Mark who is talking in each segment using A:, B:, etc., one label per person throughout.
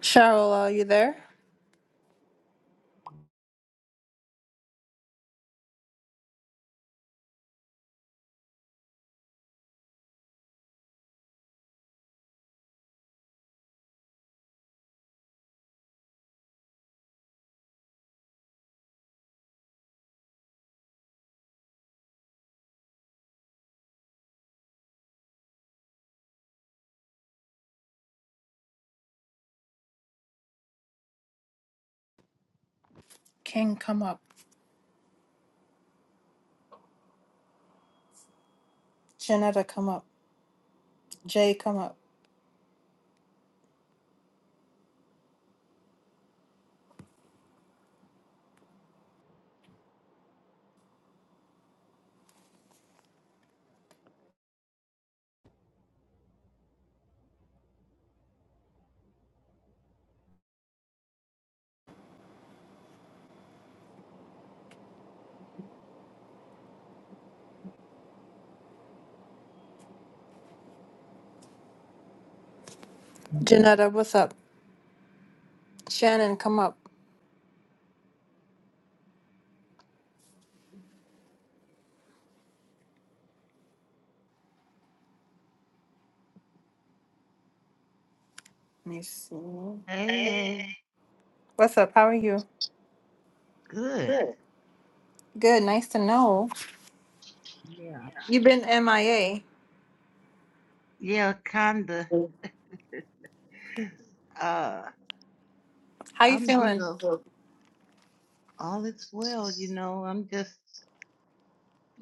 A: Cheryl, are you there? King, come up. Janetta, come up. Jay, come up. Janetta, what's up? Shannon, come up. Let me see.
B: Hey, hey,
A: What's up? How are you?
B: good.
A: Good. Good. Nice to know.
B: Yeah,
A: You've been MIA.
B: yeah, kinda. Uh,
A: How you
B: I'm, you
A: feeling?
B: know, all is well. You know, I'm just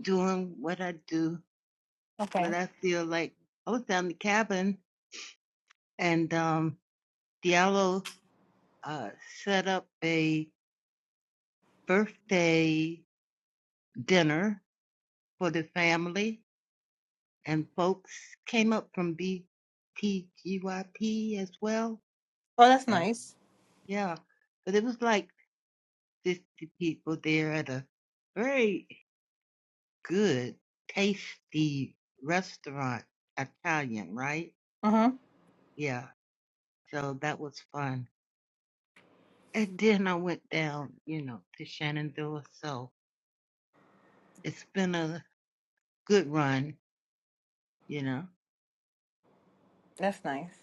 B: doing what I do, what
A: Okay.
B: I feel like. I was down the cabin, and um, Diallo uh set up a birthday dinner for the family, and folks came up from BTGYP as well.
A: Oh, that's
B: And
A: nice.
B: yeah, but it was like. 50 people there at a very good, tasty restaurant, Italian, right?
A: Mm-hmm.
B: Yeah. So that was fun. And then I went down, you know, to Shenandoah. So it's been a good run, you know.
A: That's nice.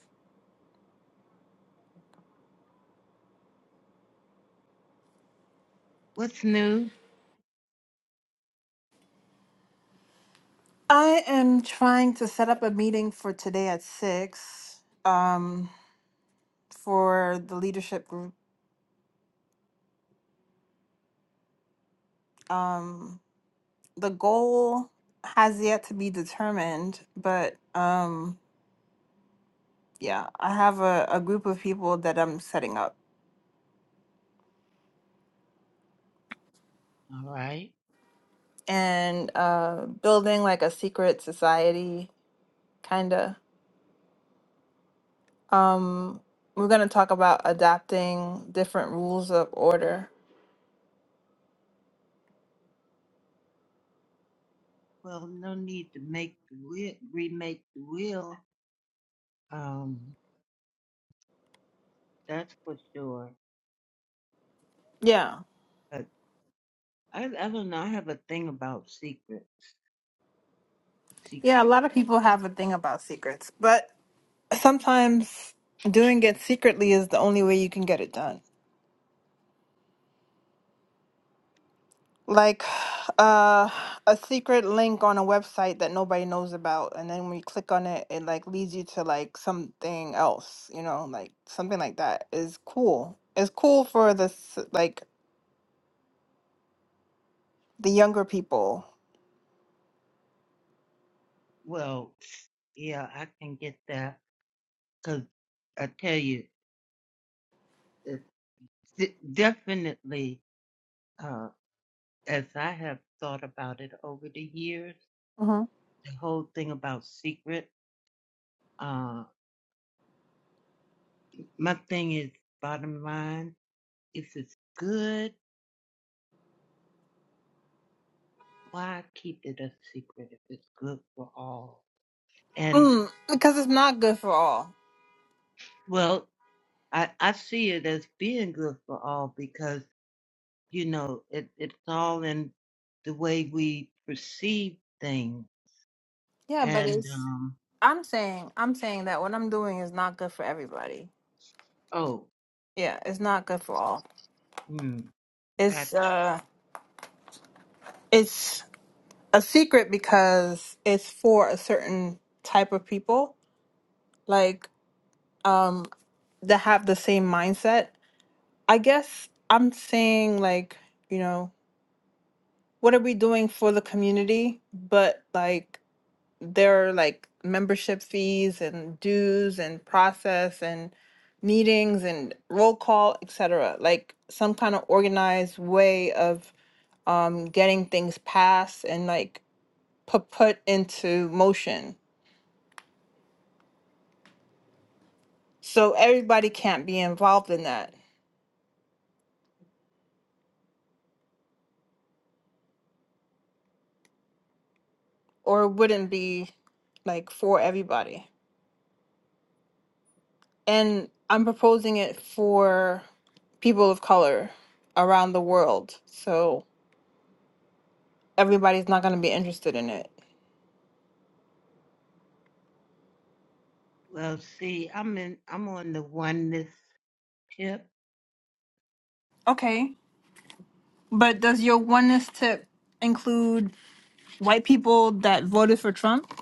B: What's new?
A: I am trying to set up a meeting for today at six. Um, for the leadership group. Um, the goal has yet to be determined, but um yeah, I have a, a group of people that I'm setting up
B: All right.
A: and uh building like a secret society kinda. Um we're gonna talk about adapting different rules of order.
B: Well, no need to make the wheel, remake the wheel. Um, that's for sure.
A: Yeah.
B: But I, I don't know. I have a thing about secrets.
A: Yeah,
B: Secrets.
A: a lot of people have a thing about secrets, but sometimes doing it secretly is the only way you can get it done. like uh a secret link on a website that nobody knows about and then when you click on it it like leads you to like something else you know like something like that is cool it's cool for the s- like the younger people
B: Well, yeah, I can get that because I tell you, it's de- definitely, uh, as I have thought about it over the years,
A: hmm
B: the whole thing about secret, uh, my thing is bottom line, if it's good, why keep it a secret if it's good for all? And
A: mm, because it's not good for all
B: well, I, I see it as being good for all because, you know, it, it's all in the way we perceive things
A: yeah but
B: and
A: it's
B: um
A: i'm saying i'm saying that what i'm doing is not good for everybody
B: oh
A: yeah it's not good for all
B: mm, that
A: it's uh it's a secret because it's for a certain type of people like um that have the same mindset i guess i'm saying like you know what are we doing for the community but like there are like membership fees and dues and process and meetings and roll call etc like some kind of organized way of um getting things passed and like put put into motion so everybody can't be involved in that or wouldn't be like for everybody. And I'm proposing it for people of color around the world. So everybody's not going to be interested in it.
B: well see i'm in i'm on the oneness tip
A: Okay. But does your oneness tip include white people that voted for Trump?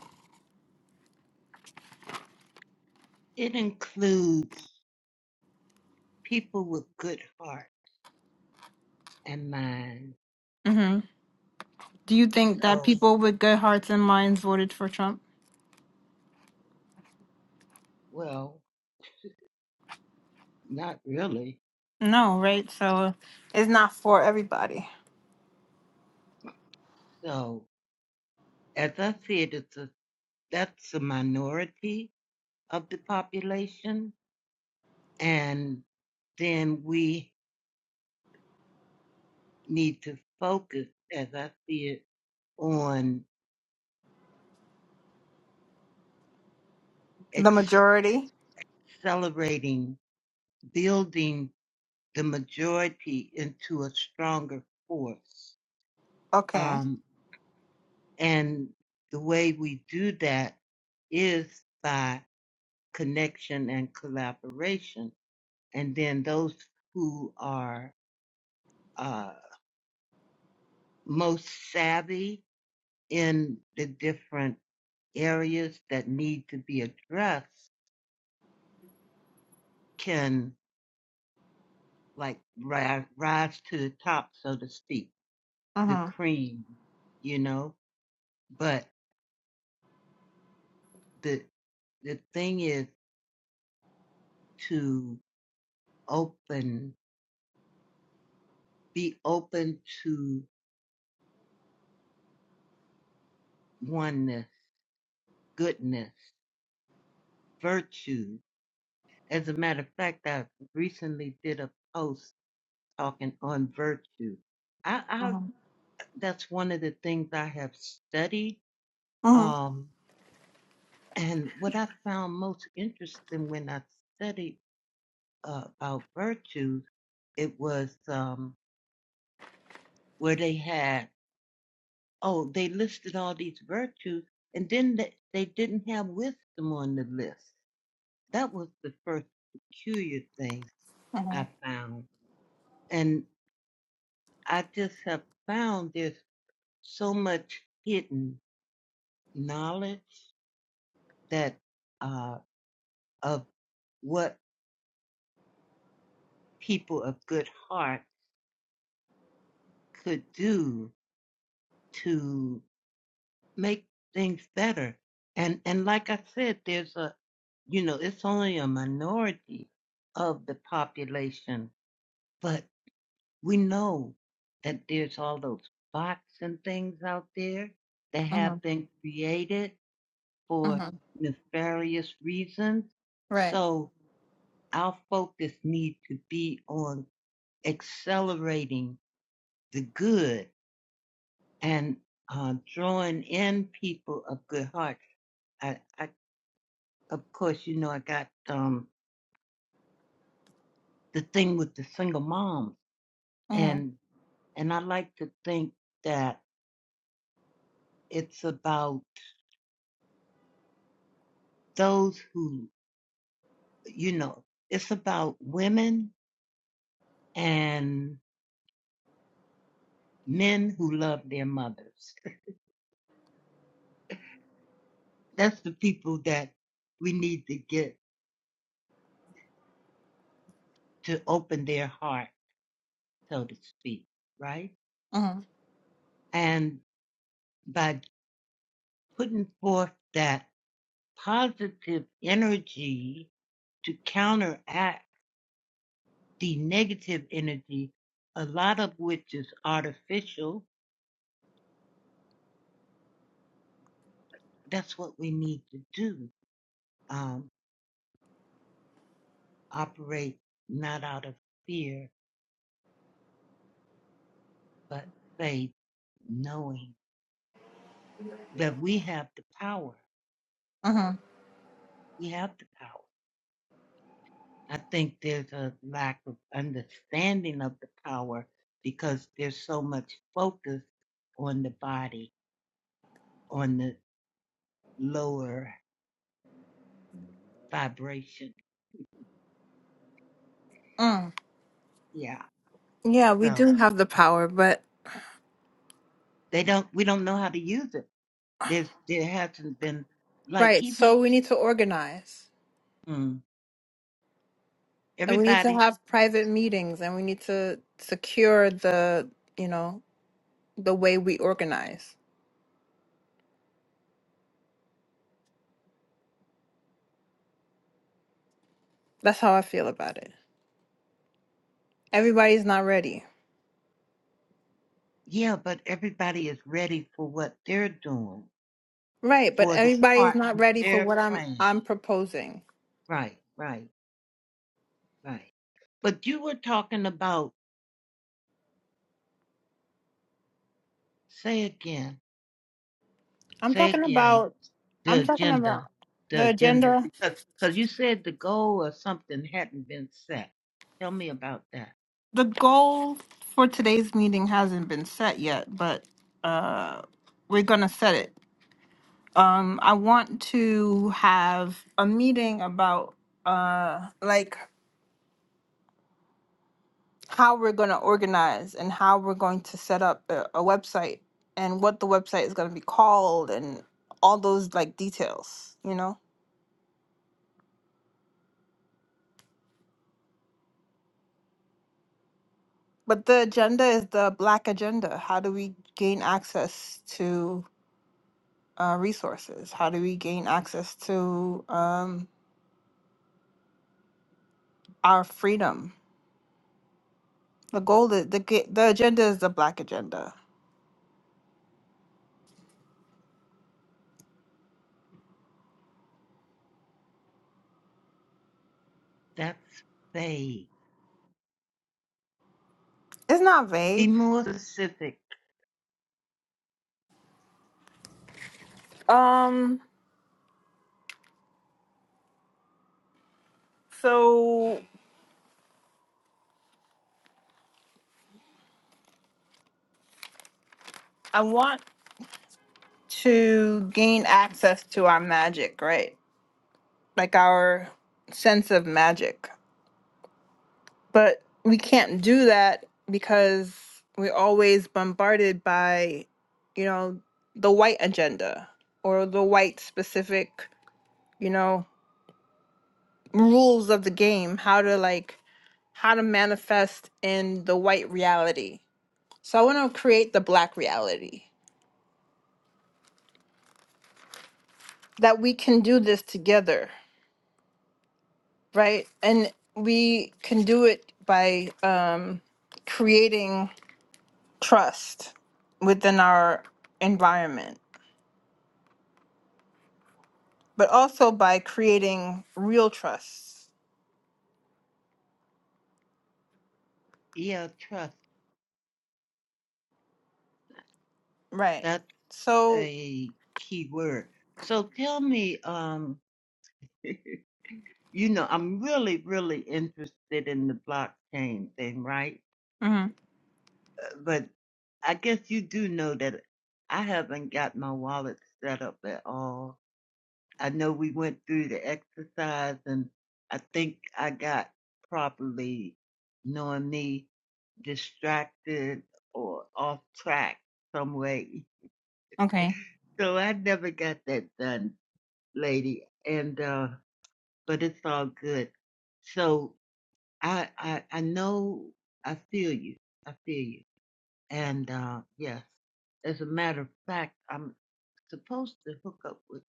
B: it includes people with good heart and mind
A: hmm Do you think that
B: so
A: people with good hearts and minds voted for Trump?
B: well not really
A: No, right? So it's not for everybody.
B: so as i see it it's a that's a minority of the population and then we need to focus as i see it on
A: The
B: ex-
A: majority?
B: accelerating building the majority into a stronger force.
A: Okay.
B: Um, and the way we do that is by connection and collaboration. And then those who are uh, most savvy in the different areas that need to be addressed can like ri- rise to the top, so to speak, the
A: Mm-hmm.
B: cream, you know. But the the thing is to open, be open to oneness, goodness, virtue. As a matter of fact, I recently did a post talking on virtue. I, I
A: Mm-hmm.
B: that's one of the things I have studied.
A: Mm-hmm.
B: Um, and what I found most interesting when I studied uh, about virtues, it was um, where they had Oh, they listed all these virtues, and then they, they didn't have wisdom on the list. That was the first peculiar thing I found. And I just have found there's so much hidden knowledge that uh, of what people of good heart could do to. make things better. And and like I said, there's a you know, it's only a minority of the population, but we know that there's all those bots and things out there that have
A: Mm-hmm.
B: been created for
A: Mm-hmm.
B: nefarious reasons.
A: Right.
B: So our focus need to be on accelerating the good and uh, drawing in people of good hearts. I. I of course, you know, I got um, the thing with the single moms,
A: Mm-hmm,
B: and and I like to think that it's about those who, you know, it's about women and men who love their mothers. That's the people that we need to get to open their heart, so to speak, right?
A: mm-hmm,
B: And by putting forth that positive energy to counteract the negative energy, a lot of which is artificial. That's what we need to do. Um, operate not out of fear, but faith, knowing that we have the power.
A: mm-hmm,
B: We have the power. I think there's a lack of understanding of the power because there's so much focus on the body, on the lower vibration.
A: mm.
B: Yeah.
A: Yeah, we
B: So
A: do have the power, but
B: they don't, we don't know how to use it There's, there hasn't been, like,
A: right.
B: even
A: So we need to organize,
B: mm,
A: and we need to
B: everybody,
A: have private meetings, and we need to secure the, you know, the way we organize. That's how I feel about it. Everybody's not ready,
B: yeah, but everybody is ready for what they're doing,
A: right? But
B: for the
A: everybody's
B: part
A: not
B: that
A: ready for
B: they're
A: what I'm
B: playing.
A: I'm proposing.
B: Right, right, right. But you were talking about, say again,
A: I'm
B: say
A: talking
B: again,
A: about. I'm
B: the
A: talking
B: agenda,
A: about
B: the
A: the
B: agenda,
A: agenda.
B: because cause you said the goal or something hadn't been set. Tell me about that.
A: The goal for today's meeting hasn't been set yet, but uh, we're gonna set it Um, I want to have a meeting about uh like how we're going to organize and how we're going to set up a, a website and what the website is going to be called and all those like details, you know? But the agenda is the black agenda. How do we gain access to uh, resources? How do we gain access to um, our freedom? The goal, is, the ga- the agenda is the black agenda.
B: That's vague.
A: It's not
B: Be
A: vague.
B: more specific.
A: Um, So I want to gain access to our magic, right? Like our sense of magic. But we can't do that because we're always bombarded by, you know, the white agenda or the white specific, you know, rules of the game, how to like how to manifest in the white reality. So I want to create the black reality that we can do this together right? And we can do it by um, creating trust within our environment, but also by creating real trust,
B: Yeah, trust.
A: right?
B: That's
A: So,
B: a key word. So tell me, um, you know, I'm really, really interested in the blockchain thing, right?
A: hmm
B: But I guess you do know that I haven't got my wallet set up at all. I know we went through the exercise and I think I got probably, knowing me, distracted or off track some way.
A: okay,
B: So I never got that done. lady, and uh, but it's all good. So I, I I know I feel you. I feel you. And uh, yes, as a matter of fact, I'm supposed to hook up with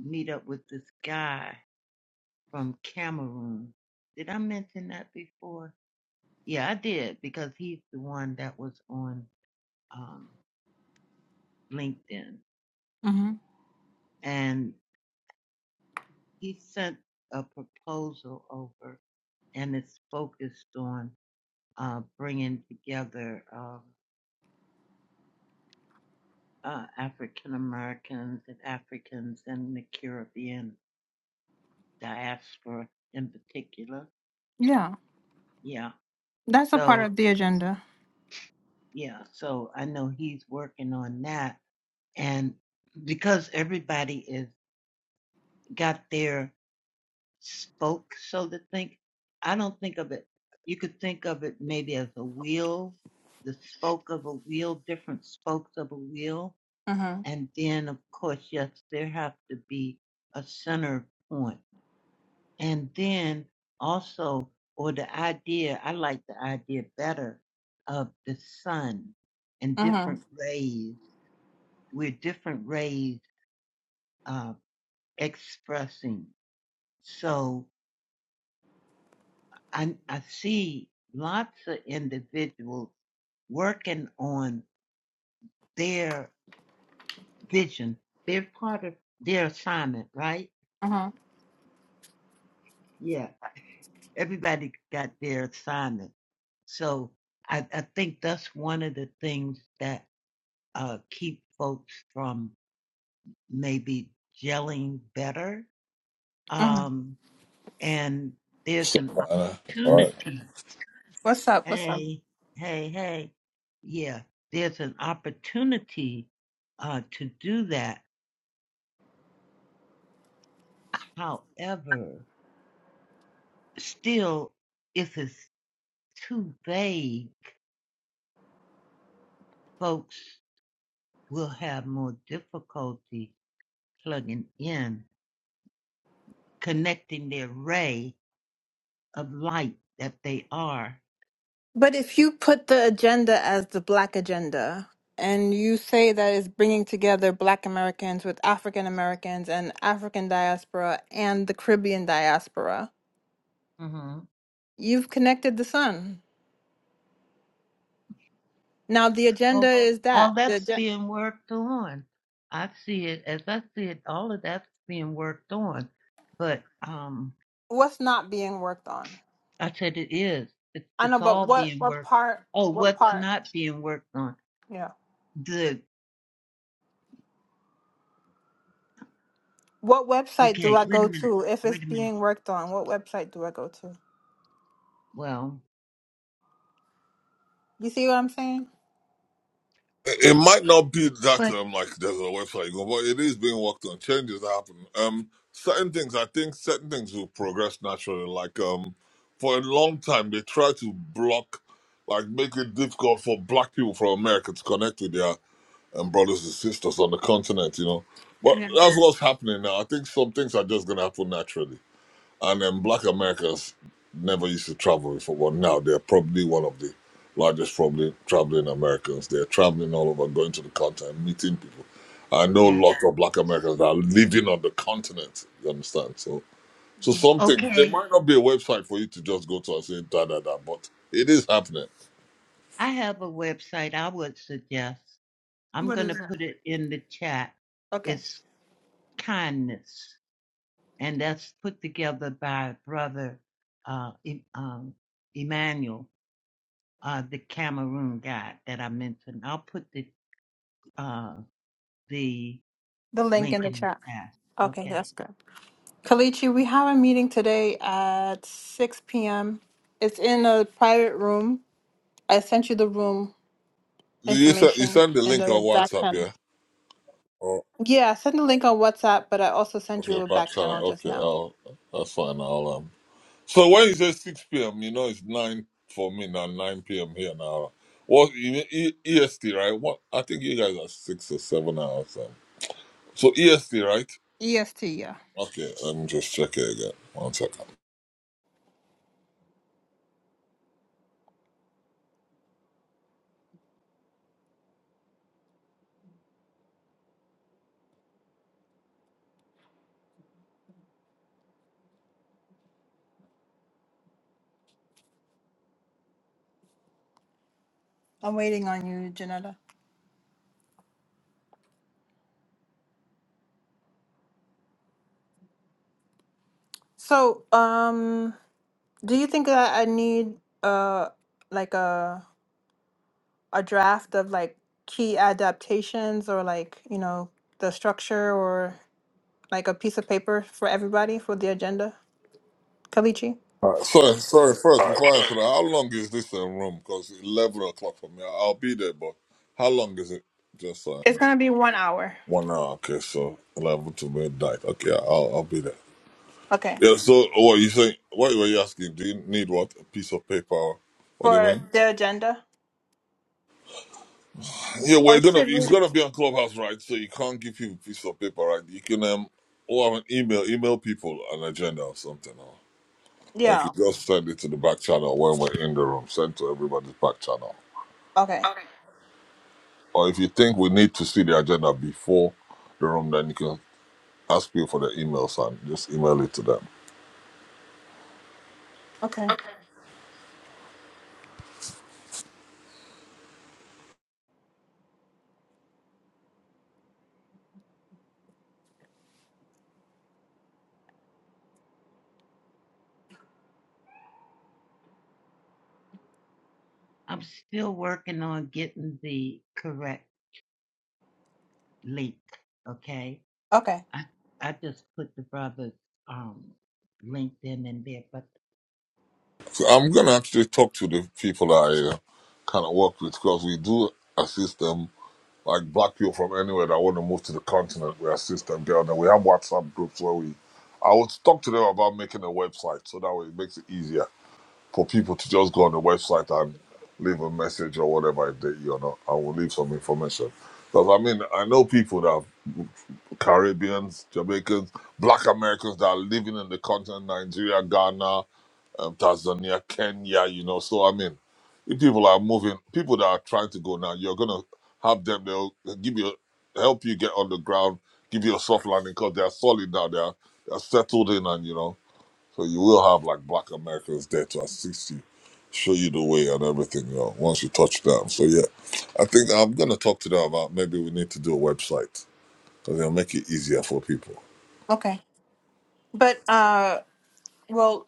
B: meet up with this guy from Cameroon. Did I mention that before? Yeah, I did because he's the one that was on um, LinkedIn,
A: hmm
B: and he sent a proposal over, and it's focused on uh, bringing together um, uh, African Americans and Africans in the Caribbean diaspora in particular.
A: yeah,
B: Yeah.
A: that's a part
B: So,
A: of the agenda.
B: yeah. So I know he's working on that. And because everybody is got their spoke, so to think, I don't think of it, you could think of it maybe as a wheel, the spoke of a wheel, different spokes of a wheel
A: Mm-hmm.
B: And then, of course, yes, there have to be a center point. And then also, or the idea, I like the idea better of the sun and different
A: Mm-hmm.
B: rays. We're different rays uh, expressing. So I, I see lots of individuals working on their vision. They're part of their assignment, right?
A: Mm-hmm.
B: Yeah Everybody got their assignment. So I, I think that's one of the things that uh, keep folks from maybe gelling better.
A: hmm
B: Um, and there's an
C: Uh, all right.
B: opportunity.
A: What's up? What's up?
B: Hey, hey, hey. Yeah, there's an opportunity uh, to do that. However, still, if it's too vague, folks will have more difficulty plugging in, connecting the array of light that they are.
A: But if you put the agenda as the Black agenda, and you say that it's bringing together Black Americans with African Americans and African diaspora and the Caribbean diaspora,
B: hmm
A: you've connected the sun. Now the agenda
B: Well,
A: is that
B: all
A: the
B: that's
A: agen-
B: being worked on. I see it as I see it. All of that's being worked on, but um,
A: what's not being worked on.
B: I said it is. It's
A: I know,
B: it's all
A: but what
B: being
A: what
B: worked.
A: part?
B: Oh,
A: What
B: what's
A: part?
B: not being worked on?
A: Yeah.
B: The
A: What website do
B: okay.
A: I
B: Wait a
A: go
B: minute.
A: to if it's
B: Wait a minute.
A: being worked on? What website do I go to?
B: Well,
A: You see what I'm saying?
C: It it might not be that
B: but
C: um like there's a website you go, but it is being worked on. Changes happen. Um, certain things I think certain things will progress naturally. Like um, for a long time they tried to block, like make it difficult for black people from America to connect with their um, brothers and sisters on the continent. You know, but that's what's happening now. I think some things are just gonna happen naturally. And then black Americans never used to travel before, but now they're probably one of the largest probably traveling Americans. They're traveling all over, going to the continent, meeting people. I know
B: yeah.
C: lots of black Americans that are living on the continent, you understand? So so
A: Mhm.
C: some things there
B: Okay,
C: might not be a website for you to just go to and say da da da, but it is happening.
B: I have a website I would suggest. I'm
A: What
B: going to
A: is that?
B: put it in the chat.
A: Okay,
B: It's kindness, and that's put together by brother uh, E- um, Emmanuel, uh, the Cameroon guy that I mentioned. I'll put the uh, the
A: the link in
B: link
A: the
B: in
A: chat.
B: the chat.
A: Okay,
B: Okay,
A: that's good. Kalichi, we have a meeting today at 6 p.m. It's in a private room. I sent you the room
C: You send you
A: information
C: send the
A: in
C: link on
A: the back
C: WhatsApp,
A: channel.
C: yeah? Oh
A: Yeah, I sent the link on WhatsApp, but I also sent you
C: okay,
A: a
C: back
A: back channel
C: channel.
A: just
C: Okay,
A: now.
C: I'll, that's fine, I'll um So when you say 6 p.m., you know it's 9 for me now, 9 p.m. here now. What you mean E- EST, right? What I think you guys are 6 or 7 hours. Then. So EST, right?
A: EST, yeah.
C: Okay, let me just check it again. One second.
A: I'm waiting on you, Janetta. So, um, do you think that I need uh like a a draft of like key adaptations or like, you know, the structure or like a piece of paper for everybody for the agenda? Kalichi?
C: All right, sorry, sorry. First, before I answer that, how long is this uh, room? Because 11 o'clock for me. I'll be there, but how long is it? Just uh,
A: It's gonna be one hour.
C: one hour. Okay, so 11 to midnight. Okay, I'll, I'll be there.
A: Okay.
C: Yeah, so what you saying? What were you asking? Do you need what? A piece of paper? Or What do you
A: For
C: mean?
A: the agenda?
C: Yeah,
A: Or
C: we're gonna
A: should
C: it's
A: we?
C: gonna be on Clubhouse, right? So you can't give people a piece of paper, right? You can um or have an email, email people an agenda or something or or you
A: Yeah.
C: could just send it to the back channel when we're in the room, send to everybody's back channel.
A: Okay.
C: Or if you think we need to see the agenda before the room, then you can ask people for their emails and just email it to them.
A: Okay.
B: I'm still working on getting the correct link. Okay,
A: Okay.
B: I I just put the brother's um, LinkedIn in there, but
C: So I'm gonna actually talk to the people I uh, kind of work with because we do assist them Like black people from anywhere that want to move to the continent, we assist them get on there. We have WhatsApp groups where we, I would talk to them about making a website so that way it makes it easier for people to just go on the website and leave a message or whatever if they you know, I will leave some information. Because I mean, I know people that are Caribbeans, Jamaicans, Black Americans that are living in the continent, Nigeria, Ghana, um, Tanzania, Kenya, you know. So I mean, if people are moving, people that are trying to go now, you're gonna have them. They'll give you help you get on the ground, give you a soft landing because they're solid now. They're they're settled in, and you know, so you will have like Black Americans there to assist you, show you the way and everything. You know, once you touch down. So yeah, I think I'm gonna talk to them about maybe we need to do a website because it'll make it easier for people.
A: Okay. But uh well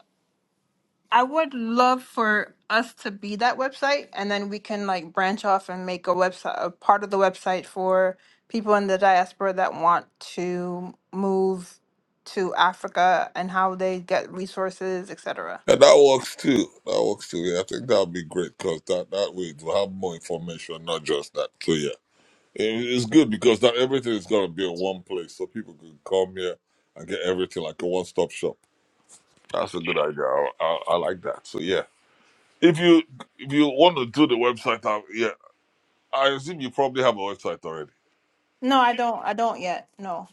A: I would love for us to be that website, and then we can like branch off and make a website, a part of the website for people in the diaspora that want to move to Africa and how they get resources, et cetera.
C: And that works too. That works too. Yeah, I think that would be great because that, that way to have more information, not just that. So yeah, it, it's good because not everything is gonna be in one place, so people can come here and get everything like a one-stop shop. That's a good idea. I, I, I like that. So yeah, if you if you want to do the website, uh, yeah, I assume you probably have a website already.
A: No, I don't. I don't yet. No,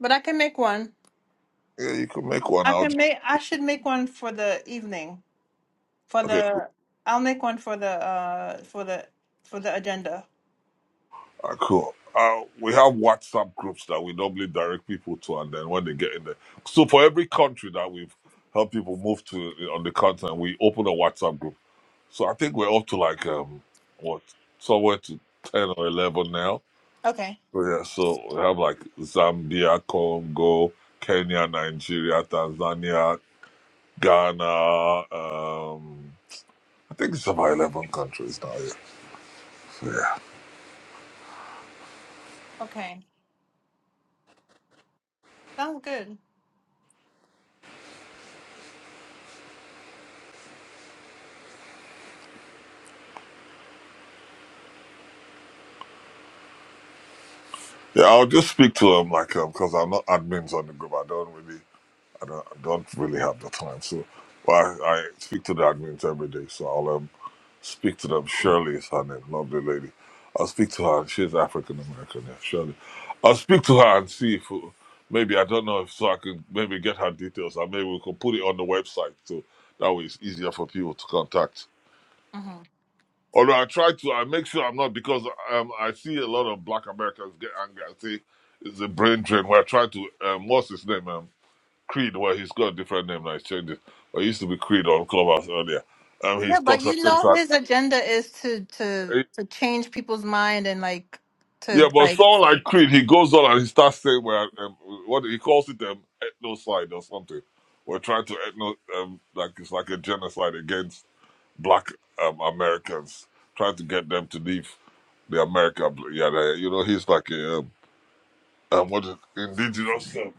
A: but I can make one.
C: Yeah, you could make one
A: I can
C: out.
A: make. I should make one for the evening. For
C: Okay.
A: the, I'll make one for the uh for the for the agenda.
C: Uh, cool. Uh, we have WhatsApp groups that we normally direct people to, and then when they get in there, so for every country that we've helped people move to on the continent, we open a WhatsApp group. So I think we're up to like um what somewhere to ten or eleven now.
A: Okay.
C: So yeah, so we have like Zambia, Congo, Kenya, Nigeria, Tanzania, Ghana. Um, I think it's about eleven countries now. Yeah,
A: Okay. Sounds good.
C: yeah I'll just speak to them like um because I'm not admins on the group. I don't really. I don't, I don't really have the time. So well, I, I speak to the admins every day. So I'll um, speak to them. Shirley is her name, lovely lady. I'll speak to her. She's African American, yeah, Shirley. I'll speak to her and see if uh, maybe, I don't know if so I can maybe get her details and maybe we can put it on the website. So that way it's easier for people to contact.
A: Mhm.
C: Although I try to, I make sure I'm not because um, I see a lot of black Americans get angry. I say it's a brain drain. We're trying to, um, what's his name? Um, Creed, well, he's got a different name now. He's changed it. But he used to be Creed on Clubhouse earlier. Um, he
A: Yeah, but
C: talks and
A: you
C: things
A: know
C: like,
A: his agenda is to to
C: eh,
A: to change people's mind and like to
C: yeah, but
A: like
C: someone like Creed, he goes on and he starts saying, well, um, what he calls it, um, ethnocide or something. We're trying to ethno, um, like it's like a genocide against black um, Americans, trying to get them to leave the America. Yeah, they, you know, he's like a, um, um, what is indigenous? um,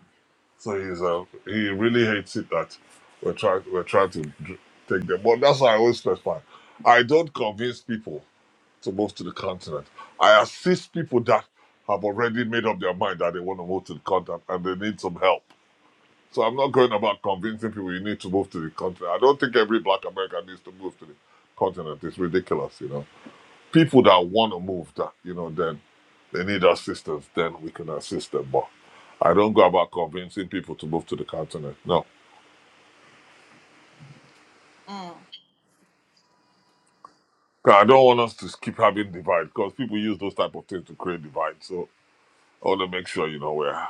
C: So he's uh, he really hates it that we're trying we're trying to dr- take them. But that's why I always specify. I don't convince people to move to the continent. I assist people that have already made up their mind that they want to move to the continent and they need some help. So I'm not going about convincing people you need to move to the continent. I don't think every black American needs to move to the continent. It's ridiculous, you know people that want to move that you know then they need assistance then we can assist them but i don't go about convincing people to move to the continent no
A: mm,
C: 'Cause i don't want us to keep having divide because people use those type of things to create divide so i want to make sure you know we're,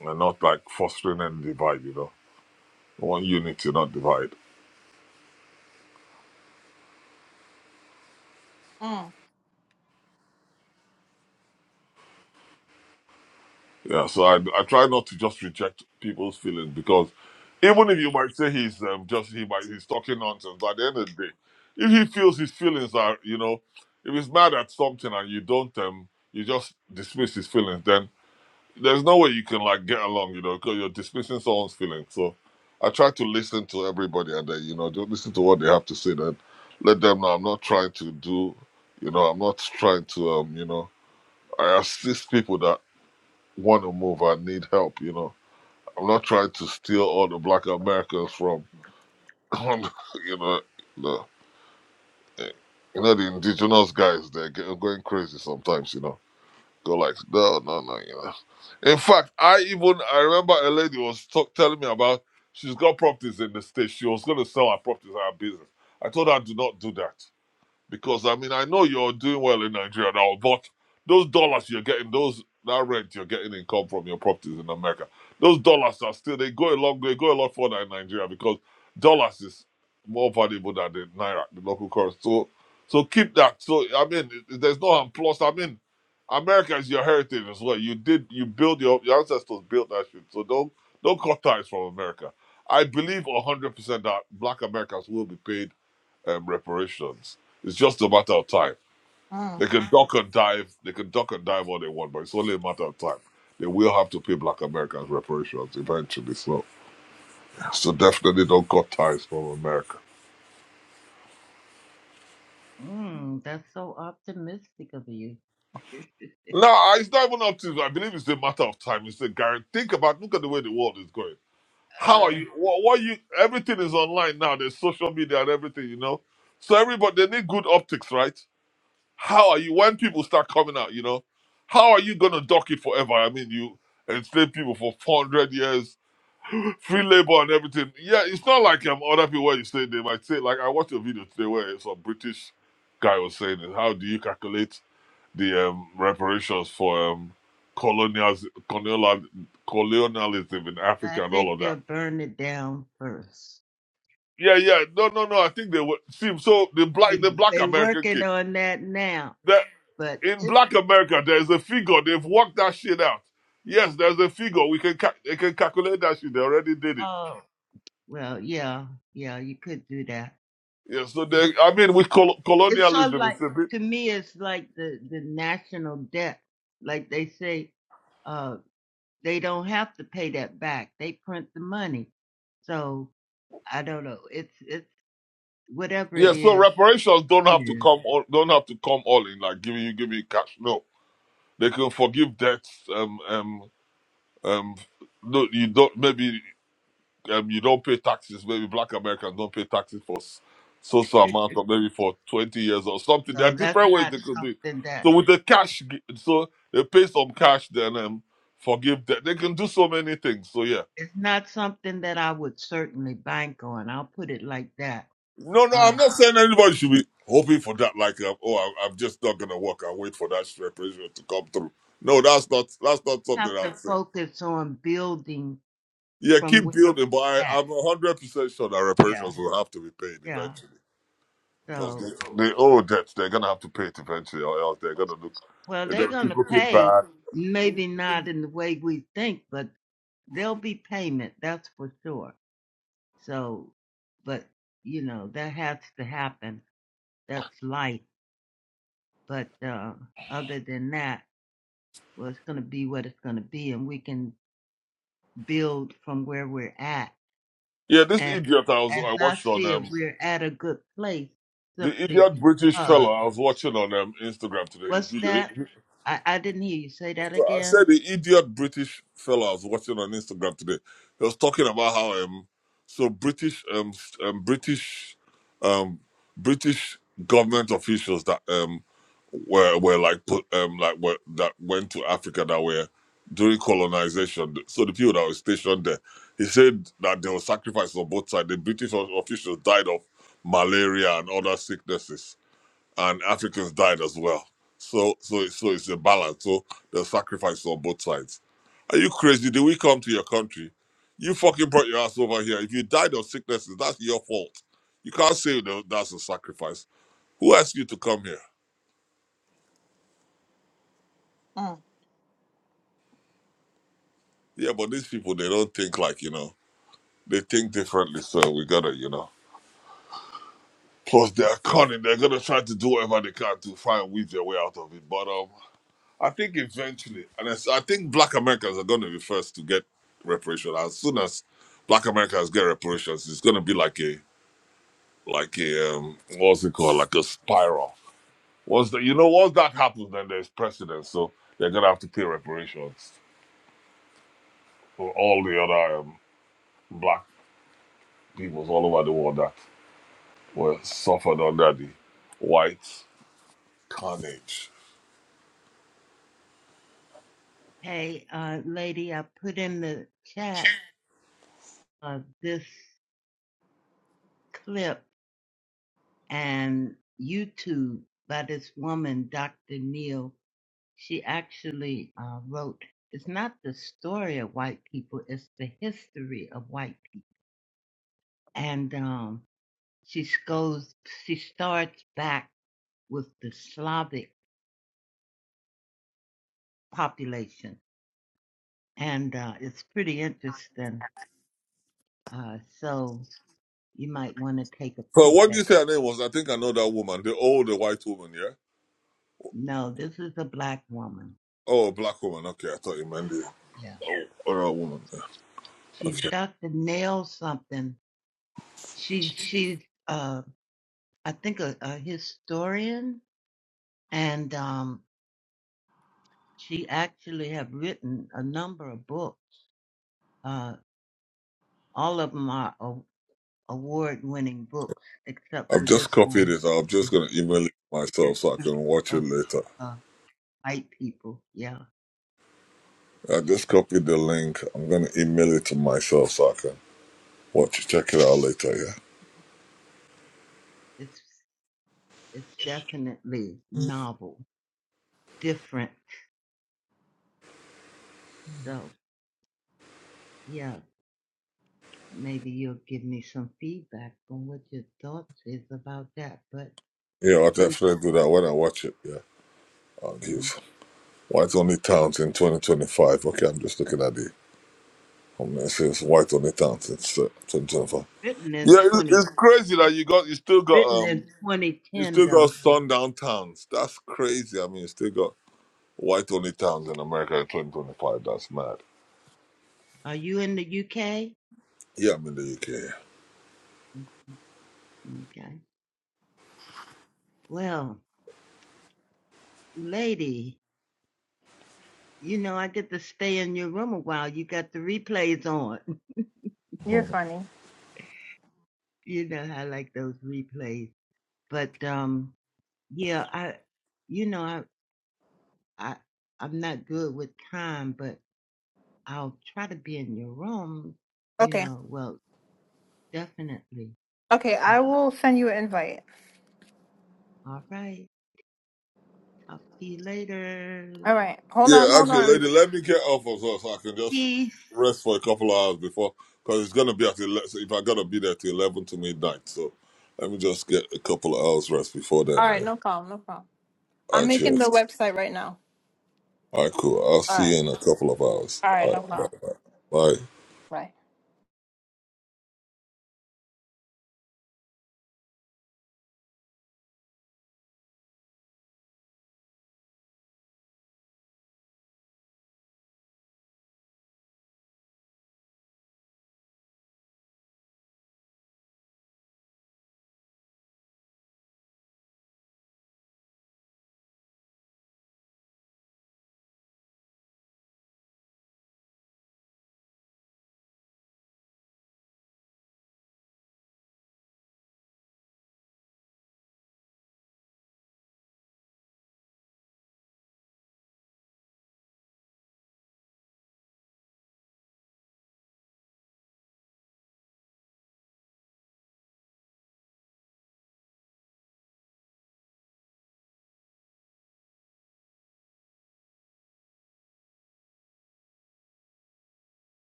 C: we're not like fostering any divide you know we want unity not divide
A: mm,
C: Yeah, so I, I try not to just reject people's feelings because even if you might say he's um, just he might he's talking nonsense, but at the end of the day, if he feels his feelings are you know, if he's mad at something and you don't um you just dismiss his feelings, then there's no way you can like get along, you know, because you're dismissing someone's feelings. So I try to listen to everybody and then you know just listen to what they have to say. Then let them know I'm not trying to do, you know, I'm not trying to um you know I assist people that want to move. I need help. You know, I'm not trying to steal all the black Americans from, you know, the you know the indigenous guys. They're get- going crazy sometimes. You know, go like no, no, no. You know, in fact, I even I remember a lady was talk, telling me about she's got properties in the state. She was going to sell her properties, her business. I told her do not do that. Because I mean, I know you're doing well in Nigeria now, but those dollars you're getting, those that rent you're getting income from your properties in America, those dollars are still they go a long way, go a lot further in Nigeria because dollars is more valuable than the naira, the local currency. So, so keep that. So I mean, it- there's no harm. Plus, I mean, America is your heritage as well. You did you build your your ancestors built that shit. So don't don't cut ties from America. I believe 100% that Black Americans will be paid um, reparations. It's just a matter of time.
A: mm,
C: They can duck and dive. They can duck and dive all they want, but it's only a matter of time. They will have to pay Black Americans reparations eventually. So, so definitely don't cut ties from America.
B: mm, that's so optimistic of you.
C: No, it's not even up to. I believe it's a matter of time. It's a guarantee. Think about. Look at the way the world is going. How are
B: Uh,
C: you? What, what you? Everything is online now. There's social media and everything. You know. So everybody they need good optics, right? How are you when people start coming out? You know, how are you gonna dock it forever? I mean, you enslave people for 400 years, free labor and everything. Yeah, it's not like um other people where you say they might say like I watched a video today where some British guy was saying How do you calculate the um, reparations for um colonials colonial colonialism in
B: I
C: Africa and all
B: think
C: of
B: they'll
C: that?
B: burn it down first.
C: Yeah, yeah, no, no, no. I think they would see so the black
B: They,
C: the black
B: they
C: American
B: working
C: kid.
B: on that now,
C: the
B: but
C: in
B: it
C: Black America, there's a figure. They've worked that shit out. Yes, there's a figure. We can ca- they can calculate that shit. They already did it.
B: oh well, yeah, yeah, you could do that.
C: Yeah. So
B: It,
C: they, I mean, with col-
B: it's sort of
C: colonialism, it's
B: like
C: a bit.
B: to me, it's like the the national debt. Like they say, uh, they don't have to pay that back. They print the money, so I don't know. It's it's whatever it
C: Yeah. So
B: is.
C: reparations don't have to
B: It
C: come all, don't have to come all in like giving you giving you cash. No, they can forgive debts. Um um um. No, you don't. Maybe. um, you don't pay taxes. Maybe black Americans don't pay taxes for s- so so amount
B: is.
C: of maybe for twenty years or something. There are
B: so that's
C: different ways
B: not
C: they could do it.
B: something that.
C: So with the cash, g- so they pay some cash, then um, forgive them. They can do so many things. So yeah,
B: it's not something that I would certainly bank on. I'll put it like that.
C: no, no, I'm
B: Uh,
C: not saying anybody should be hoping for that. Like, um, oh, I, I'm just not gonna work. I wait for that reparation to come through. No, that's not that's not something
B: have to
C: I'm saying.
B: focus on building
C: Yeah,
B: from
C: keep
B: where
C: building, but I,
B: we're at.
C: I'm hundred percent sure that
B: Yeah,
C: reparations will have to be paid
B: yeah.
C: eventually. Because they,
B: So,
C: they owe debt. They're going to have to pay it eventually, or else they're going to look,
B: well,
C: they're
B: they're
C: going to keep
B: gonna
C: looking
B: pay.
C: bad.
B: Maybe not in the way we think, but there'll be payment. That's for sure. So, but you know that has to happen. That's life. But uh, other than that, well, it's gonna be what it's gonna be, and we can build from where we're at
C: Yeah, this
B: And
C: idiot I was
B: as
C: I
B: I
C: watched on
B: said,
C: um
B: we're at a good place
C: the
B: simply
C: idiot British fellow
B: because
C: I was watching on um Instagram today his
B: what's
C: video.
B: that? I, I didn't hear you say that
C: I said
B: again.
C: the idiot British fellow I was watching on Instagram today. He was talking about how um so British um, s- um British um British government officials that um were were like put um like were, that went to Africa that were during colonization. So the people that were stationed there, he said that there were sacrifices on both sides. The British o- officials died of malaria and other sicknesses and Africans died as well. So so so it's a balance. So there's sacrifice on both sides. Are you crazy? Did we come to your country? You fucking brought your ass over here. If you died of sicknesses, that's your fault. You can't say that that's a sacrifice. Who asked you to come here?
A: mm.
C: Yeah, but these people they don't think like you know. They think differently, so we gotta you know. Plus they're cunning. They're gonna try to do whatever they can to try and weave their way out of it. But um, I think eventually, and I, s- I think Black Americans are going to be first to get reparations. As soon as Black Americans get reparations, it's going to be like a like a um, what's it called? Like a spiral. Once the, you know, once that happens, then there's precedent. So they're going to have to pay reparations for all the other um, Black peoples all over the world that were suffered under the white carnage.
B: Hey, uh, lady, I put in the chat of this clip and YouTube by this woman, Dr. Neal. She actually uh, wrote, it's not the story of white people, it's the history of white people. And um, she goes, she starts back with the Slavic population. And uh, it's pretty interesting. Uh, so you might want to take a
C: But
B: peep
C: what do you
B: at.
C: say her name was? I think I know that woman, the older white woman, yeah.
B: No, this is a black woman.
C: Oh, a black woman. Okay, I thought you meant it.
B: Yeah.
C: Hold on, woman.
B: She's
C: Okay.
B: Dr. Nail something. She, she's, uh, I think, a, a historian. And um, she actually have written a number of books. Uh, all of them are a- award-winning books, except
C: I've
B: for
C: just
B: this
C: copied
B: one,
C: it. I'm
B: The
C: just going to email it myself so I
B: History
C: can watch it
B: of
C: later.
B: uh, White People. Yeah
C: I just copied the link. I'm going to email it to myself so I can watch it. Check it out later, yeah?
B: It's it's definitely novel, different. So yeah, maybe you'll give me some feedback on what your thoughts is about that. But
C: Yeah, I'll
B: you
C: definitely do that when I watch it, yeah. I'll
B: know, mm,
C: give White Only Towns in 2025. Okay, I'm just looking at the. I'm going to say it's White Only Towns in 2025.
B: written in
C: Yeah, it's,
B: twenty,
C: it's crazy that you got, you still got,
B: written
C: um,
B: in twenty
C: you
B: ten
C: still got
B: though.
C: sundown towns. That's crazy. I mean, you still got Why Tony Towns in America in 2025? That's mad.
B: Are you in the UK?
C: Yeah, I'm in the UK.
B: Okay. Well, lady, you know I get to stay in your room a while. You got the replays on.
A: You're funny.
B: you know I like those replays. But um, yeah, I, you know I. I I'm not good with time, but I'll try to be in your room. You
A: Okay.
B: know, well, definitely.
A: Okay, I
B: Uh,
A: will send you an invite.
B: all right. Talk to you later.
A: All right. Hold on,
C: Yeah,
A: hold
C: actually,
A: on.
C: lady, let me get off as well so I can just
B: Peace.
C: rest for a couple of hours before, because it's gonna be at 11, so if I gotta be there till 11 to midnight. So let me just get a couple of hours rest before then.
A: All right,
C: Yeah.
A: no problem, no problem.
C: All
A: I'm
C: right,
A: making the
C: cheers.
A: website right now.
C: All right, cool. I'll
A: All right.
C: see you in a couple of hours.
A: All right,
C: All right,
A: no problem.
C: bye bye. Bye.
A: Bye.